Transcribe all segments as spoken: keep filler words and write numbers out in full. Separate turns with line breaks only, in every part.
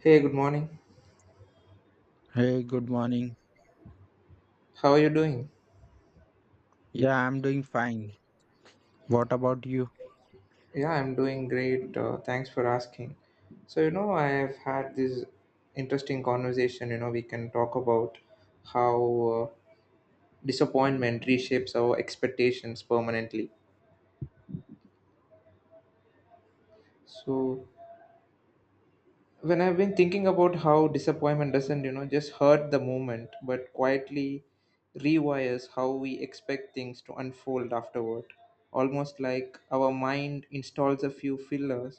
Hey, good morning.
Hey, good morning.
How are you doing?
Yeah, I'm doing fine. What about you?
Yeah, I'm doing great. Uh, thanks for asking. So, you know, I've had this interesting conversation. You know, we can talk about how uh, disappointment reshapes our expectations permanently. So, when I've been thinking about how disappointment doesn't, you know, just hurt the moment, but quietly rewires how we expect things to unfold afterward. Almost like our mind installs a few fillers,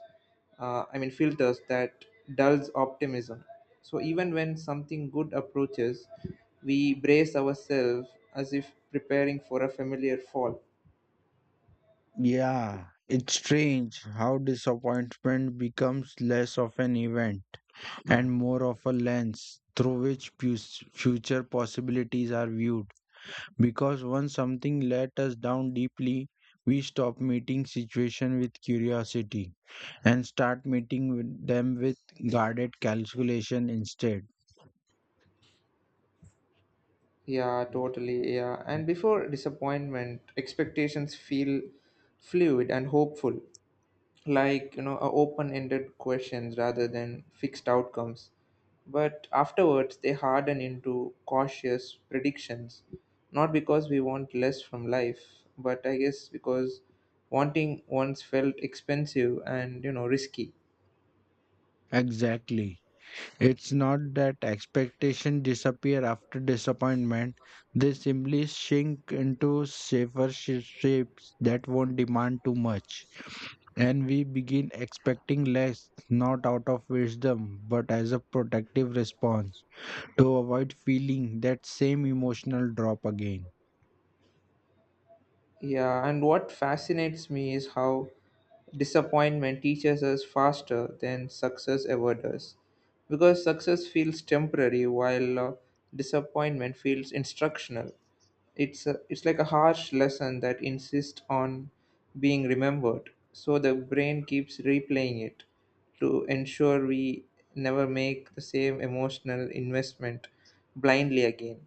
uh, I mean, filters that dulls optimism. So even when something good approaches, we brace ourselves as if preparing for a familiar fall.
Yeah, it's strange how disappointment becomes less of an event and more of a lens through which pus- future possibilities are viewed. Because once something let us down deeply, we stop meeting situation with curiosity and start meeting with them with guarded calculation instead.
Yeah, totally. Yeah. And before disappointment, expectations feel fluid and hopeful, like, you know, a open-ended questions rather than fixed outcomes, but afterwards they harden into cautious predictions, not because we want less from life, but I guess because wanting once felt expensive and, you know, risky.
Exactly. It's not that expectations disappear after disappointment, they simply shrink into safer sh- shapes that won't demand too much. And we begin expecting less, not out of wisdom, but as a protective response to avoid feeling that same emotional drop again.
Yeah, and what fascinates me is how disappointment teaches us faster than success ever does, because success feels temporary, while uh, disappointment feels instructional. It's a, it's like a harsh lesson that insists on being remembered. So the brain keeps replaying it to ensure we never make the same emotional investment blindly again.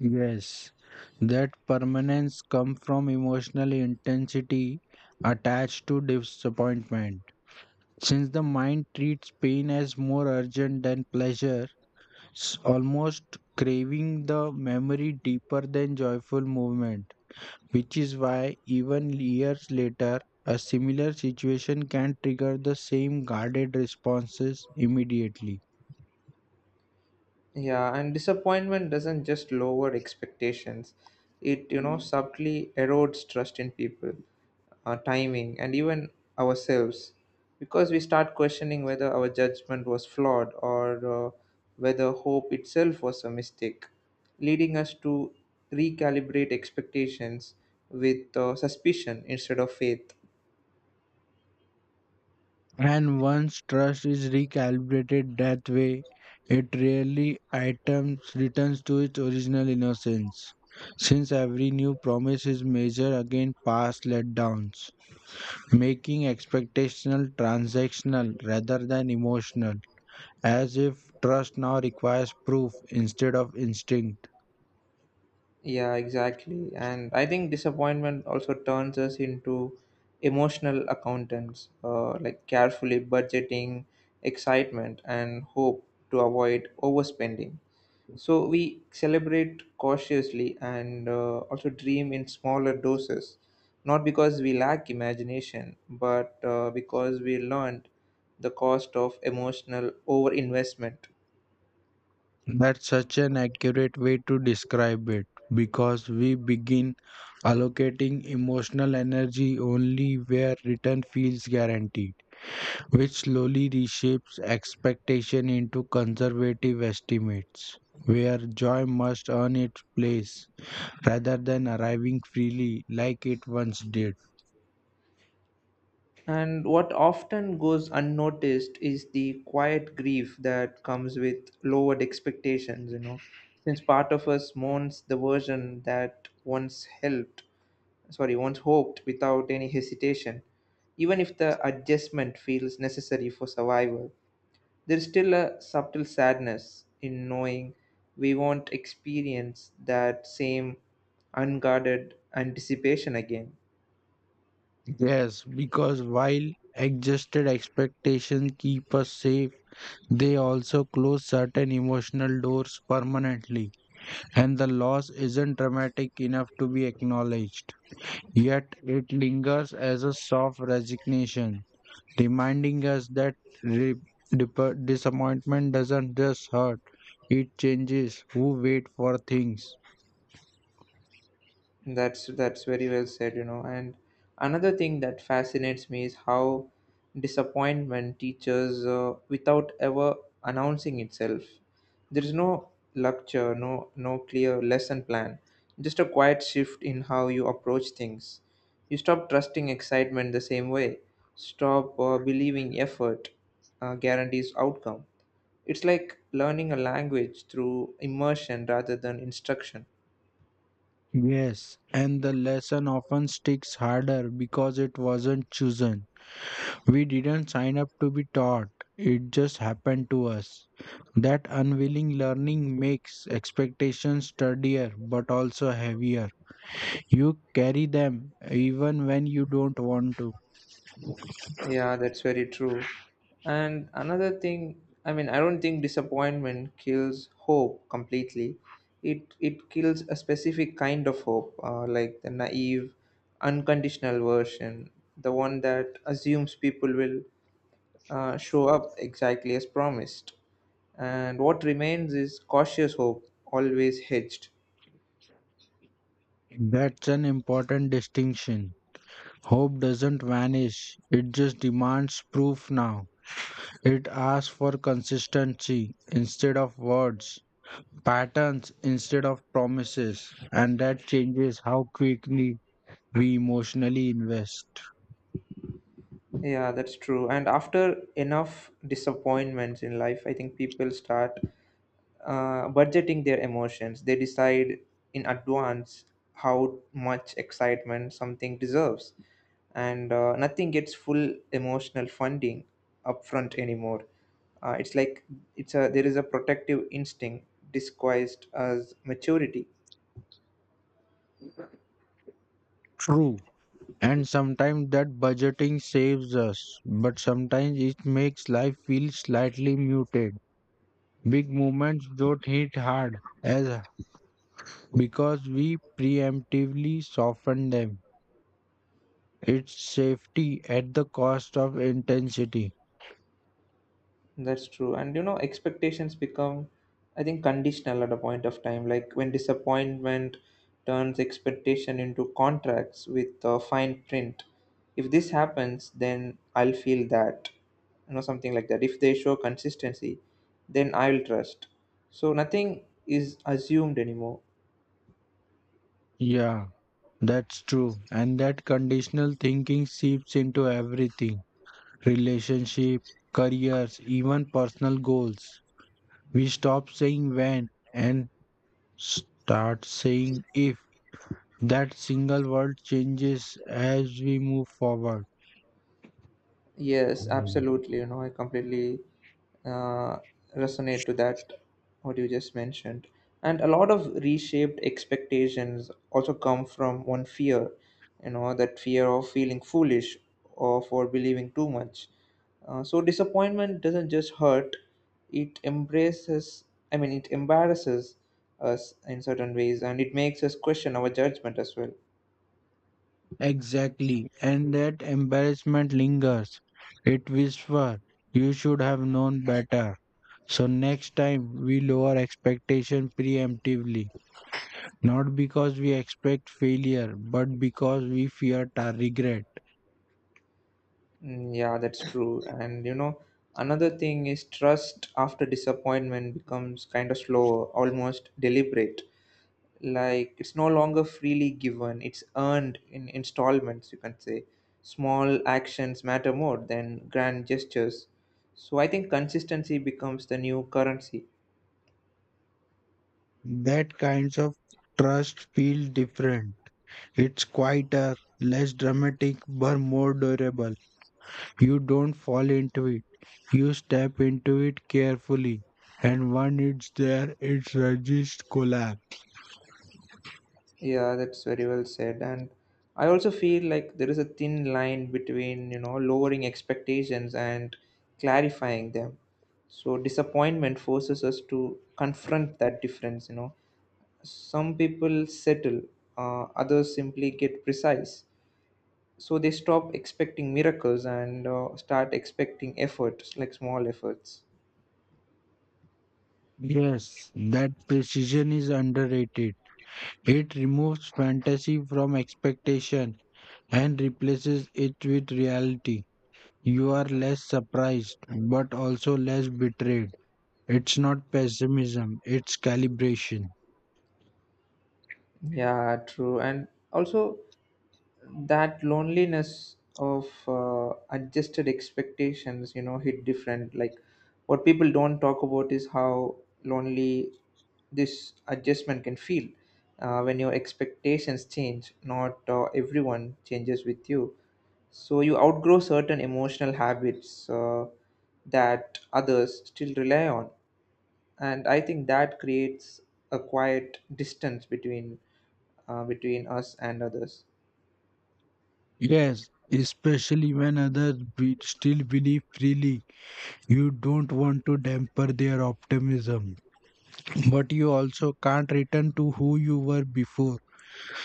Yes, that permanence comes from emotional intensity attached to disappointment. Since the mind treats pain as more urgent than pleasure, it's almost craving the memory deeper than joyful movement, which is why even years later, a similar situation can trigger the same guarded responses immediately.
Yeah, and disappointment doesn't just lower expectations. It, you know, subtly erodes trust in people, our timing, and even ourselves, because we start questioning whether our judgment was flawed, or uh, whether hope itself was a mistake, leading us to recalibrate expectations with uh, suspicion instead of faith.
And once trust is recalibrated that way, it rarely items returns to its original innocence, since every new promise is measured against past letdowns. Making expectational transactional rather than emotional, as if trust now requires proof instead of instinct.
Yeah, exactly. And I think disappointment also turns us into emotional accountants, uh, like carefully budgeting excitement and hope to avoid overspending. So we celebrate cautiously and, uh, also dream in smaller doses, not because we lack imagination, but uh, because we learned the cost of emotional overinvestment.
That's such an accurate way to describe it because we begin allocating emotional energy only where return feels guaranteed, which slowly reshapes expectation into conservative estimates, where joy must earn its place rather than arriving freely like it once did.
And what often goes unnoticed is the quiet grief that comes with lowered expectations, you know, since part of us mourns the version that once helped sorry once hoped without any hesitation. Even if the adjustment feels necessary for survival, there's still a subtle sadness in knowing we won't experience that same unguarded anticipation again.
Yes, because while adjusted expectations keep us safe, they also close certain emotional doors permanently, and the loss isn't dramatic enough to be acknowledged. Yet it lingers as a soft resignation, reminding us that re- dip- disappointment doesn't just hurt, it changes who wait for things.
That's that's very well said, you know. And another thing that fascinates me is how disappointment teaches uh, without ever announcing itself. There is no lecture, no no clear lesson plan, just a quiet shift in how you approach things. You stop trusting excitement the same way. Stop uh, believing effort uh, guarantees outcome. It's like learning a language through immersion rather than instruction.
Yes, and the lesson often sticks harder because it wasn't chosen. We didn't sign up to be taught, it just happened to us. That unwilling learning makes expectations sturdier but also heavier. You carry them even when you don't want to.
Yeah, that's very true. And another thing, I mean, I don't think disappointment kills hope completely. It it kills a specific kind of hope, uh, like the naive, unconditional version, the one that assumes people will uh, show up exactly as promised. And what remains is cautious hope, always hedged.
That's an important distinction. Hope doesn't vanish, it just demands proof now. It asks for consistency instead of words, patterns instead of promises, and that changes how quickly we emotionally invest.
Yeah, that's true. And after enough disappointments in life, I think people start uh, budgeting their emotions. They decide in advance how much excitement something deserves, and uh, nothing gets full emotional funding upfront anymore. Uh, it's like it's a there is a protective instinct disguised as maturity.
True. And sometimes that budgeting saves us, but sometimes it makes life feel slightly muted. Big moments don't hit hard as because we preemptively soften them. It's safety at the cost of intensity.
That's true. And, you know, expectations become, I think, conditional at a point of time. Like when disappointment turns expectation into contracts with uh, fine print. If this happens, then I'll feel that, you know, something like that. If they show consistency, then I'll trust. So nothing is assumed anymore.
Yeah, that's true. And that conditional thinking seeps into everything. Relationship, careers, even personal goals. We stop saying when and start saying if, that single word changes as we move forward.
Yes,
Mm.
absolutely. You know, I completely uh, resonate to that, what you just mentioned. And a lot of reshaped expectations also come from one fear, you know, that fear of feeling foolish or for believing too much. Uh, so disappointment doesn't just hurt, it embraces, I mean, it embarrasses us in certain ways, and it makes us question our judgment as well.
Exactly. And that embarrassment lingers. It whispers, you should have known better. So next time we lower expectation preemptively. Not because we expect failure, but because we fear our regret.
Mm, yeah, that's true. And, you know, another thing is trust after disappointment becomes kind of slow, almost deliberate. Like, it's no longer freely given, it's earned in installments, you can say. Small actions matter more than grand gestures. So I think consistency becomes the new currency.
That kinds of trust feel different. It's quieter, less dramatic, but more durable. You don't fall into it. You step into it carefully. And when it's there, it resists collapse.
Yeah, that's very well said. And I also feel like there is a thin line between, you know, lowering expectations and clarifying them. So disappointment forces us to confront that difference, you know. Some people settle, uh, others simply get precise. So they stop expecting miracles and uh, start expecting efforts, like small efforts.
Yes, that precision is underrated. It removes fantasy from expectation and replaces it with reality. You are less surprised, but also less betrayed. It's not pessimism, it's calibration.
Yeah, true. And also, that loneliness of uh, adjusted expectations, you know, hit different. Like, what people don't talk about is how lonely this adjustment can feel, uh, when your expectations change, not uh, everyone changes with you. So you outgrow certain emotional habits uh, that others still rely on, and I think that creates a quiet distance between uh, between us and others.
Yes, especially when others be- still believe freely. You don't want to damper their optimism, but you also can't return to who you were before.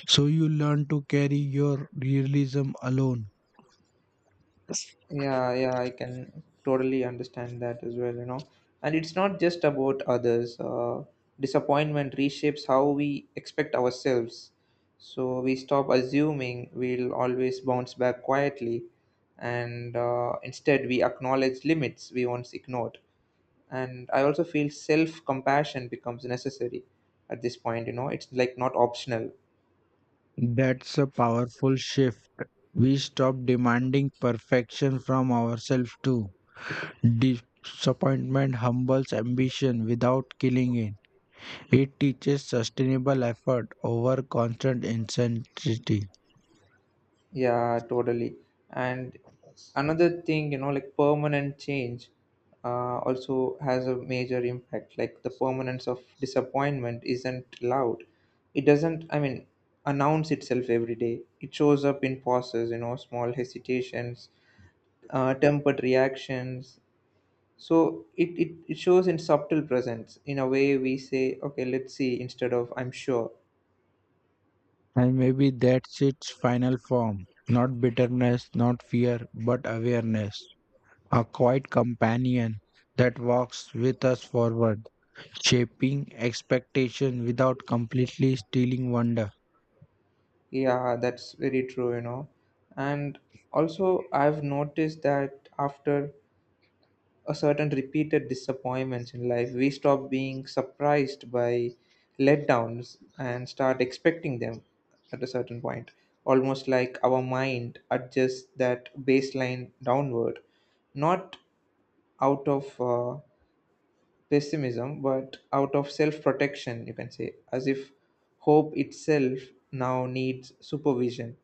So you learn to carry your realism alone.
Yeah, yeah, I can totally understand that as well, you know. And it's not just about others. Uh, disappointment reshapes how we expect ourselves. So we stop assuming we'll always bounce back quietly, and uh, instead we acknowledge limits we once ignored. And I also feel self compassion becomes necessary at this point, you know, it's like not optional.
That's a powerful shift. We stop demanding perfection from ourselves too. Disappointment humbles ambition without killing it. It teaches sustainable effort over constant intensity.
Yeah, totally. And another thing, you know, like permanent change uh, also has a major impact. Like, the permanence of disappointment isn't loud. It doesn't, I mean, announce itself every day. It shows up in pauses, you know, small hesitations, uh, tempered reactions. So it, it, it shows in subtle presence in a way we say, okay, let's see, instead of I'm sure.
And maybe that's its final form. Not bitterness, not fear, but awareness. A quiet companion that walks with us forward, shaping expectation without completely stealing wonder.
Yeah, that's very true, you know. And also, I've noticed that after a certain repeated disappointments in life, we stop being surprised by letdowns and start expecting them at a certain point. Almost like our mind adjusts that baseline downward, not out of uh, pessimism, but out of self protection, you can say, as if hope itself now needs supervision.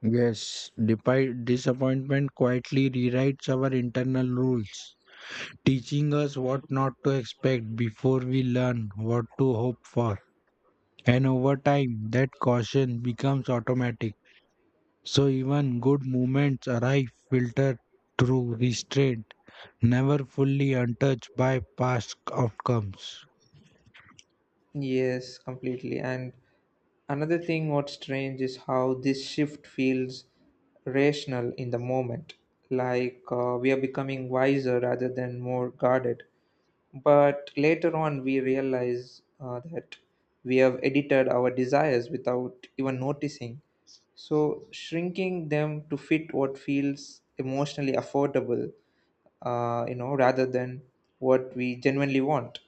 Yes, depi- disappointment quietly rewrites our internal rules, teaching us what not to expect before we learn what to hope for. And over time, that caution becomes automatic, so even good moments arrive filtered through restraint, never fully untouched by past outcomes.
Yes, completely. And another thing, what's strange is how this shift feels rational in the moment. Like, uh, we are becoming wiser rather than more guarded. But later on, we realize uh, that we have edited our desires without even noticing. So, shrinking them to fit what feels emotionally affordable, uh, you know, rather than what we genuinely want.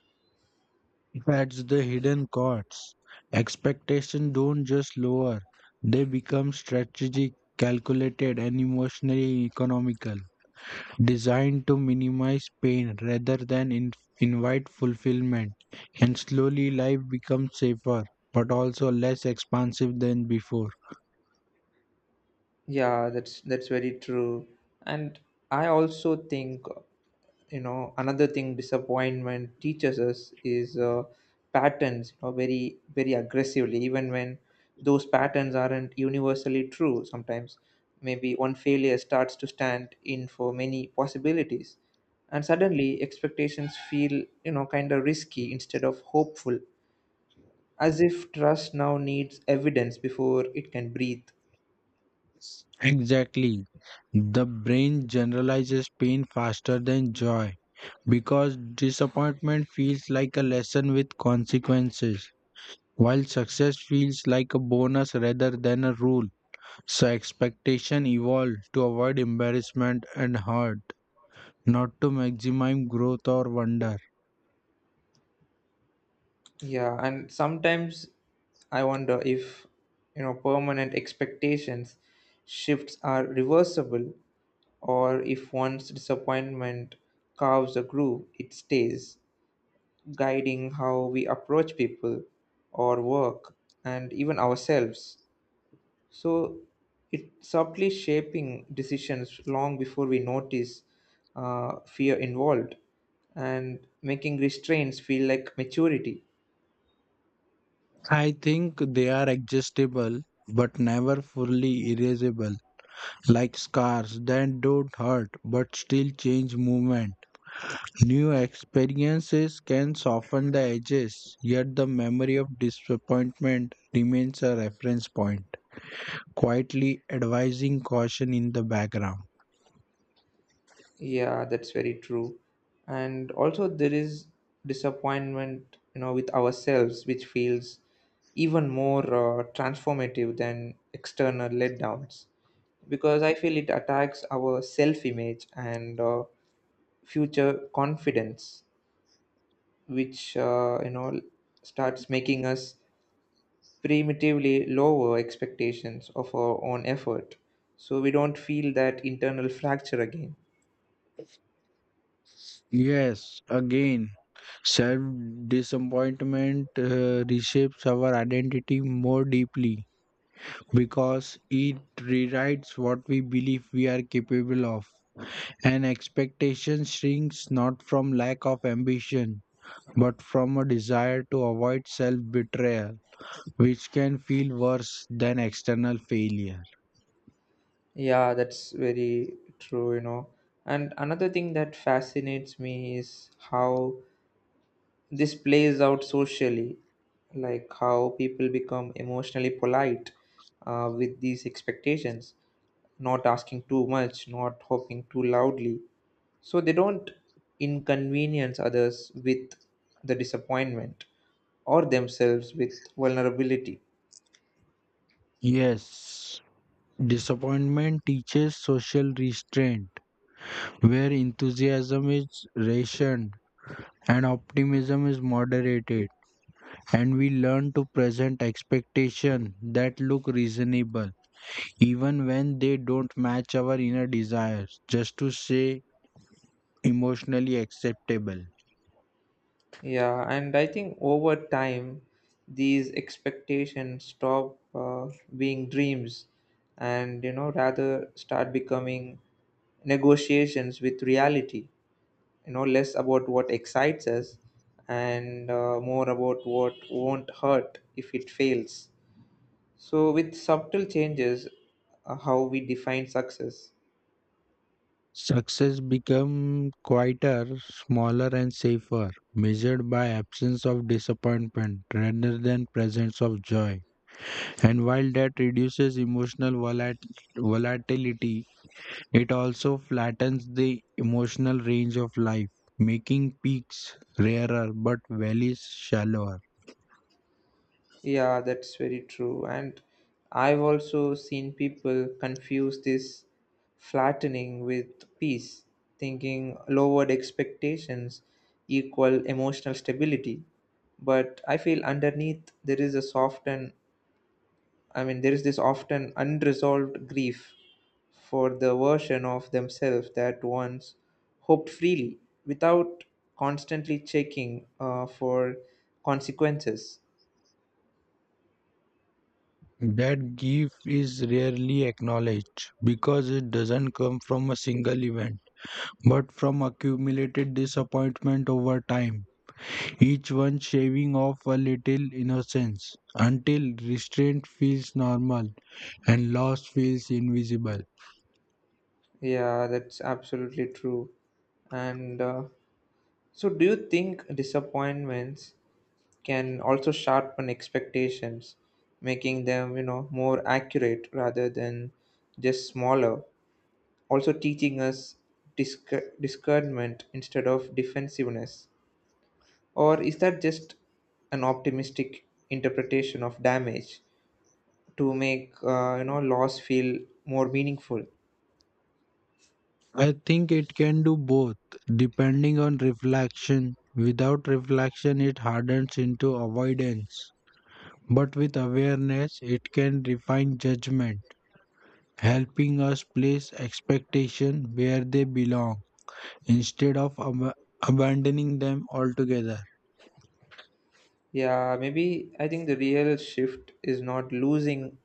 That's the hidden costs. Expectations don't just lower, they become strategic, calculated, and emotionally economical, designed to minimize pain rather than in- invite fulfillment. And slowly life becomes safer, but also less expansive than before.
Yeah, that's that's very true. And I also think, you know, another thing disappointment teaches us is uh, patterns, you know, very very aggressively, even when those patterns aren't universally true. Sometimes, maybe one failure starts to stand in for many possibilities, and suddenly expectations feel, you know, kind of risky instead of hopeful, as if trust now needs evidence before it can breathe.
Exactly. The brain generalizes pain faster than joy because disappointment feels like a lesson with consequences, while success feels like a bonus rather than a rule. So, expectation evolved to avoid embarrassment and hurt, not to maximize growth or wonder.
Yeah, and sometimes I wonder if, you know, permanent expectations shifts are reversible, or if once disappointment carves a groove, it stays, guiding how we approach people or work and even ourselves. So it subtly shaping decisions long before we notice uh, fear involved, and making restraints feel like maturity.
I think they are adjustable but never fully erasable, like scars that don't hurt but still change movement. New experiences can soften the edges, yet the memory of disappointment remains a reference point, quietly advising caution in the background.
Yeah, that's very true. And also, there is disappointment, you know, with ourselves, which feels even more uh, transformative than external letdowns. Because I feel it attacks our self image and uh, future confidence, which, uh, you know, starts making us primitively lower expectations of our own effort, so we don't feel that internal fracture again.
Yes, again, self disappointment uh, reshapes our identity more deeply because it rewrites what we believe we are capable of. And expectation shrinks not from lack of ambition but from a desire to avoid self betrayal, which can feel worse than external failure.
Yeah, that's very true, you know. And another thing that fascinates me is how this plays out socially, like how people become emotionally polite uh, with these expectations, not asking too much, not hoping too loudly, so they don't inconvenience others with the disappointment, or themselves with vulnerability.
Yes, disappointment teaches social restraint, where enthusiasm is rationed and optimism is moderated, and we learn to present expectations that look reasonable, even when they don't match our inner desires, just to say emotionally acceptable.
Yeah, and I think over time, these expectations stop uh, being dreams, and, you know, rather start becoming negotiations with reality. You know, less about what excites us, and uh, more about what won't hurt if it fails. So, with subtle changes, uh, how we define success.
Success become quieter, smaller and safer, measured by absence of disappointment rather than presence of joy. And while that reduces emotional volat- volatility, it also flattens the emotional range of life, making peaks rarer but valleys shallower.
Yeah, that's very true. And I've also seen people confuse this flattening with peace, thinking lowered expectations equal emotional stability. But I feel underneath there is a soft and I mean, there is this often unresolved grief for the version of themselves that once hoped freely without constantly checking uh, for consequences.
That gift is rarely acknowledged because it doesn't come from a single event, but from accumulated disappointment over time. Each one shaving off a little innocence until restraint feels normal and loss feels invisible.
Yeah, that's absolutely true. And uh, so, do you think disappointments can also sharpen expectations, making them, you know, more accurate rather than just smaller? Also, teaching us disc- discernment instead of defensiveness? Or is that just an optimistic interpretation of damage to make, uh, you know, loss feel more meaningful?
I think it can do both, depending on reflection. Without reflection, it hardens into avoidance. But with awareness, it can refine judgment, helping us place expectation where they belong instead of ab- abandoning them altogether.
Yeah, maybe I think the real shift is not losing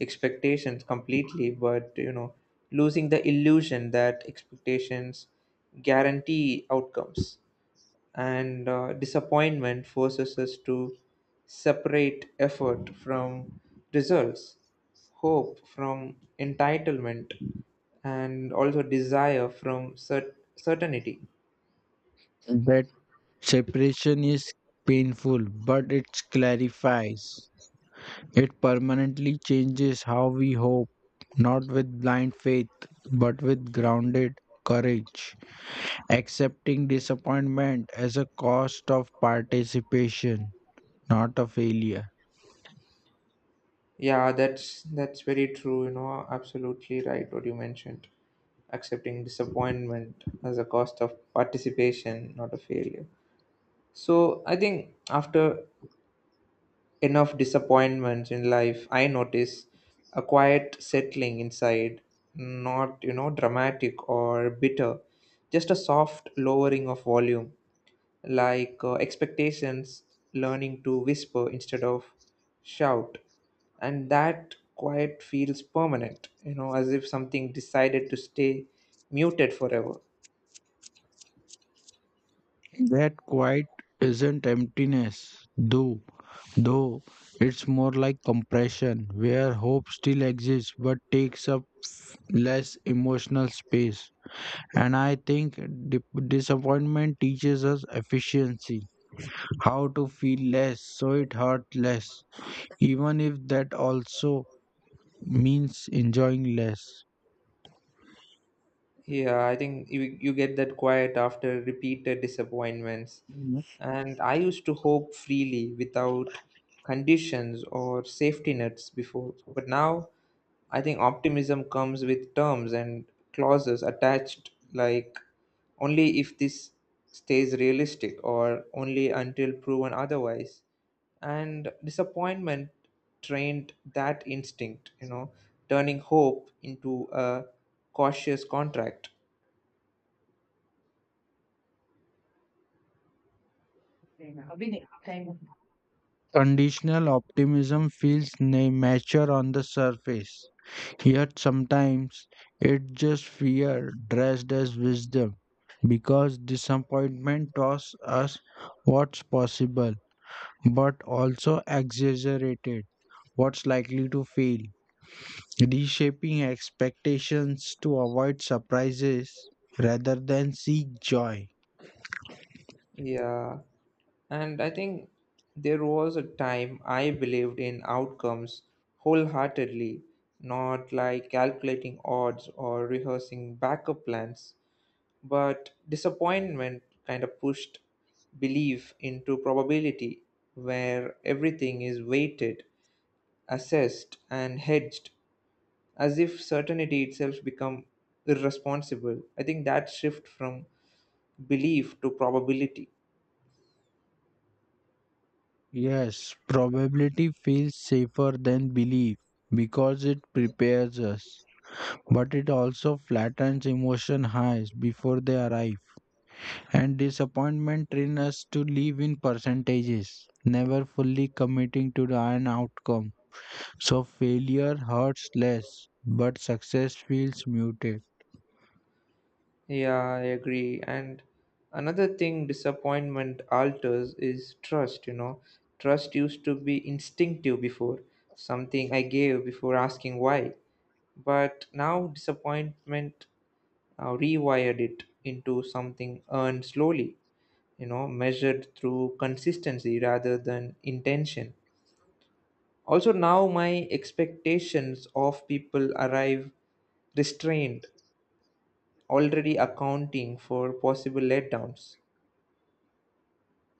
expectations completely, but, you know, losing the illusion that expectations guarantee outcomes. And uh, disappointment forces us to separate effort from results, hope from entitlement, and also desire from cert- certainty.
That separation is painful, but it clarifies. It permanently changes how we hope, not with blind faith, but with grounded courage, accepting disappointment as a cost of participation, not a failure.
Yeah, that's that's very true, you know, absolutely right what you mentioned. Accepting disappointment as a cost of participation, not a failure. So I think after enough disappointments in life, I notice a quiet settling inside, not, you know, dramatic or bitter, just a soft lowering of volume, like uh, expectations, learning to whisper instead of shout. And that quiet feels permanent, you know, as if something decided to stay muted forever.
That quite isn't emptiness, though, though it's more like compression, where hope still exists but takes up less emotional space. And I think di- disappointment teaches us efficiency, how to feel less so it hurts less, even if that also means enjoying less.
Yeah, I think you, you get that quiet after repeated disappointments. And I used to hope freely without conditions or safety nets before. But now I think optimism comes with terms and clauses attached, like only if this stays realistic, or only until proven otherwise. And disappointment trained that instinct, you know, turning hope into a cautious contract.
Conditional optimism feels na- mature on the surface, yet sometimes it's just fear dressed as wisdom because disappointment taught us what's possible but also exaggerated what's likely to fail, reshaping expectations to avoid surprises rather than seek joy.
Yeah. And I think there was a time I believed in outcomes wholeheartedly, not like calculating odds or rehearsing backup plans, but disappointment kind of pushed belief into probability, where everything is weighted, assessed, and hedged, as if certainty itself become irresponsible. I think that shift from belief to probability.
Yes, probability feels safer than belief because it prepares us, but it also flattens emotion highs before they arrive, and disappointment trains us to live in percentages, never fully committing to the an outcome. So failure hurts less, but success feels muted.
Yeah, I agree. And another thing disappointment alters is trust, you know. Trust used to be instinctive before, something I gave before asking why. But now disappointment uh, rewired it into something earned slowly, you know, measured through consistency rather than intention. Also, now my expectations of people arrive restrained, already accounting for possible letdowns.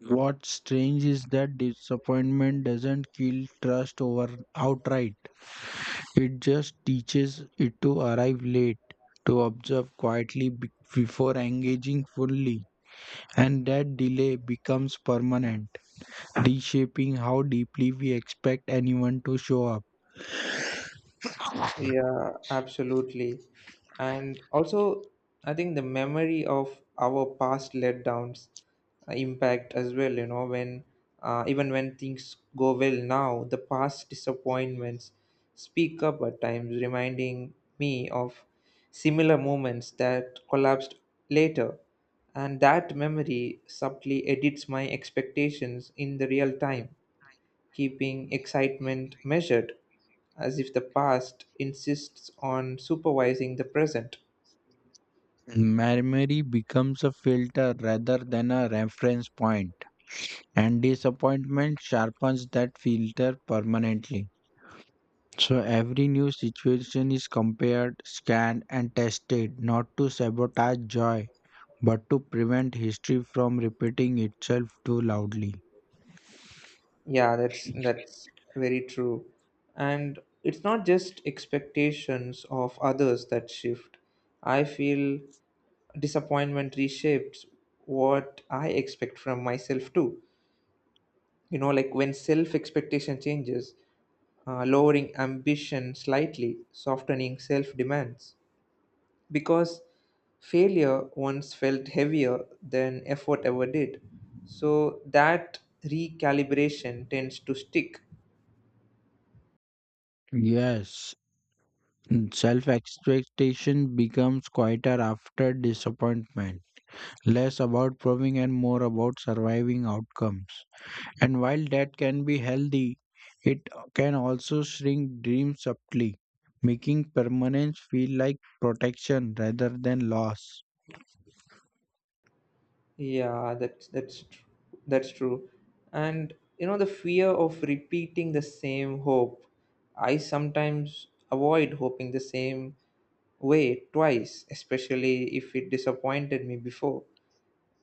What's strange is that disappointment doesn't kill trust over outright. It just teaches it to arrive late, to observe quietly be- before engaging fully, and that delay becomes permanent, reshaping how deeply we expect anyone to show up.
Yeah, absolutely. And also, I think the memory of our past letdowns uh, impact as well, you know, when, uh, even when things go well now, the past disappointments speak up at times, reminding me of similar moments that collapsed later. And that memory subtly edits my expectations in the real time, keeping excitement measured, as if the past insists on supervising the present.
Memory becomes a filter rather than a reference point, and disappointment sharpens that filter permanently. So every new situation is compared, scanned, and tested not to sabotage joy, but to prevent history from repeating itself too loudly.
Yeah, that's that's very true. And it's not just expectations of others that shift. I feel disappointment reshapes what I expect from myself too. You know, like, when self expectation changes, uh, lowering ambition slightly, softening self demands, because failure once felt heavier than effort ever did. So that recalibration tends to stick.
Yes, self expectation becomes quieter after disappointment, less about proving and more about surviving outcomes. And while that can be healthy, it can also shrink dreams subtly, making permanence feel like protection rather than loss.
Yeah, that's that's tr- that's true. And, you know, the fear of repeating the same hope. I sometimes avoid hoping the same way twice, especially if it disappointed me before,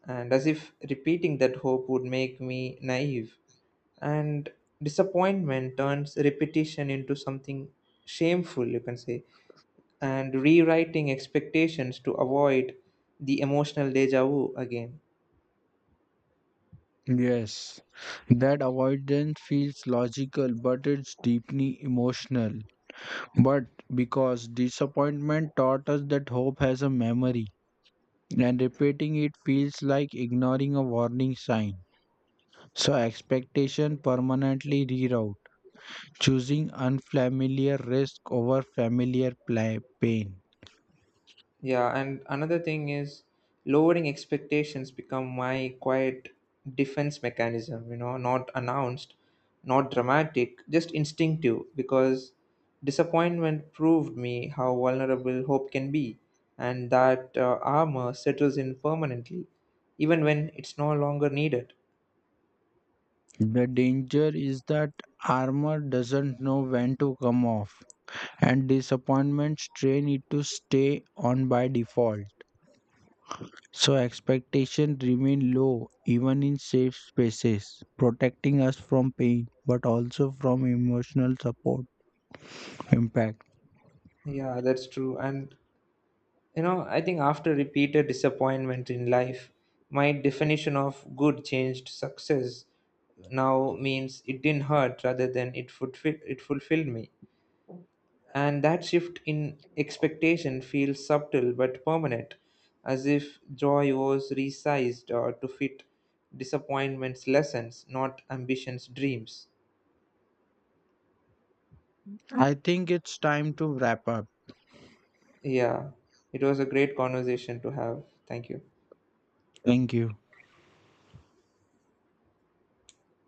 and as if repeating that hope would make me naive. And disappointment turns repetition into something shameful, you can say, and rewriting expectations to avoid the emotional deja vu again.
Yes, that avoidance feels logical, but it's deeply emotional. But because disappointment taught us that hope has a memory, and repeating it feels like ignoring a warning sign. So expectation permanently reroute, choosing unfamiliar risk over familiar pla- pain.
Yeah, and another thing is, lowering expectations become my quiet defense mechanism, you know, not announced, not dramatic, just instinctive, because disappointment proved me how vulnerable hope can be, and that uh, armor settles in permanently, even when it's no longer needed.
The danger is that armor doesn't know when to come off, and disappointment train it to stay on by default. So expectations remain low even in safe spaces, protecting us from pain but also from emotional support impact.
Yeah, that's true. And, you know, I think after repeated disappointment in life, my definition of good changed. Success now means it didn't hurt rather than it fulfill it fulfilled me. And that shift in expectation feels subtle but permanent, as if joy was resized or to fit disappointment's lessons, not ambition's dreams.
I think it's time to wrap up.
Yeah, it was a great conversation to have. Thank you.
Thank you.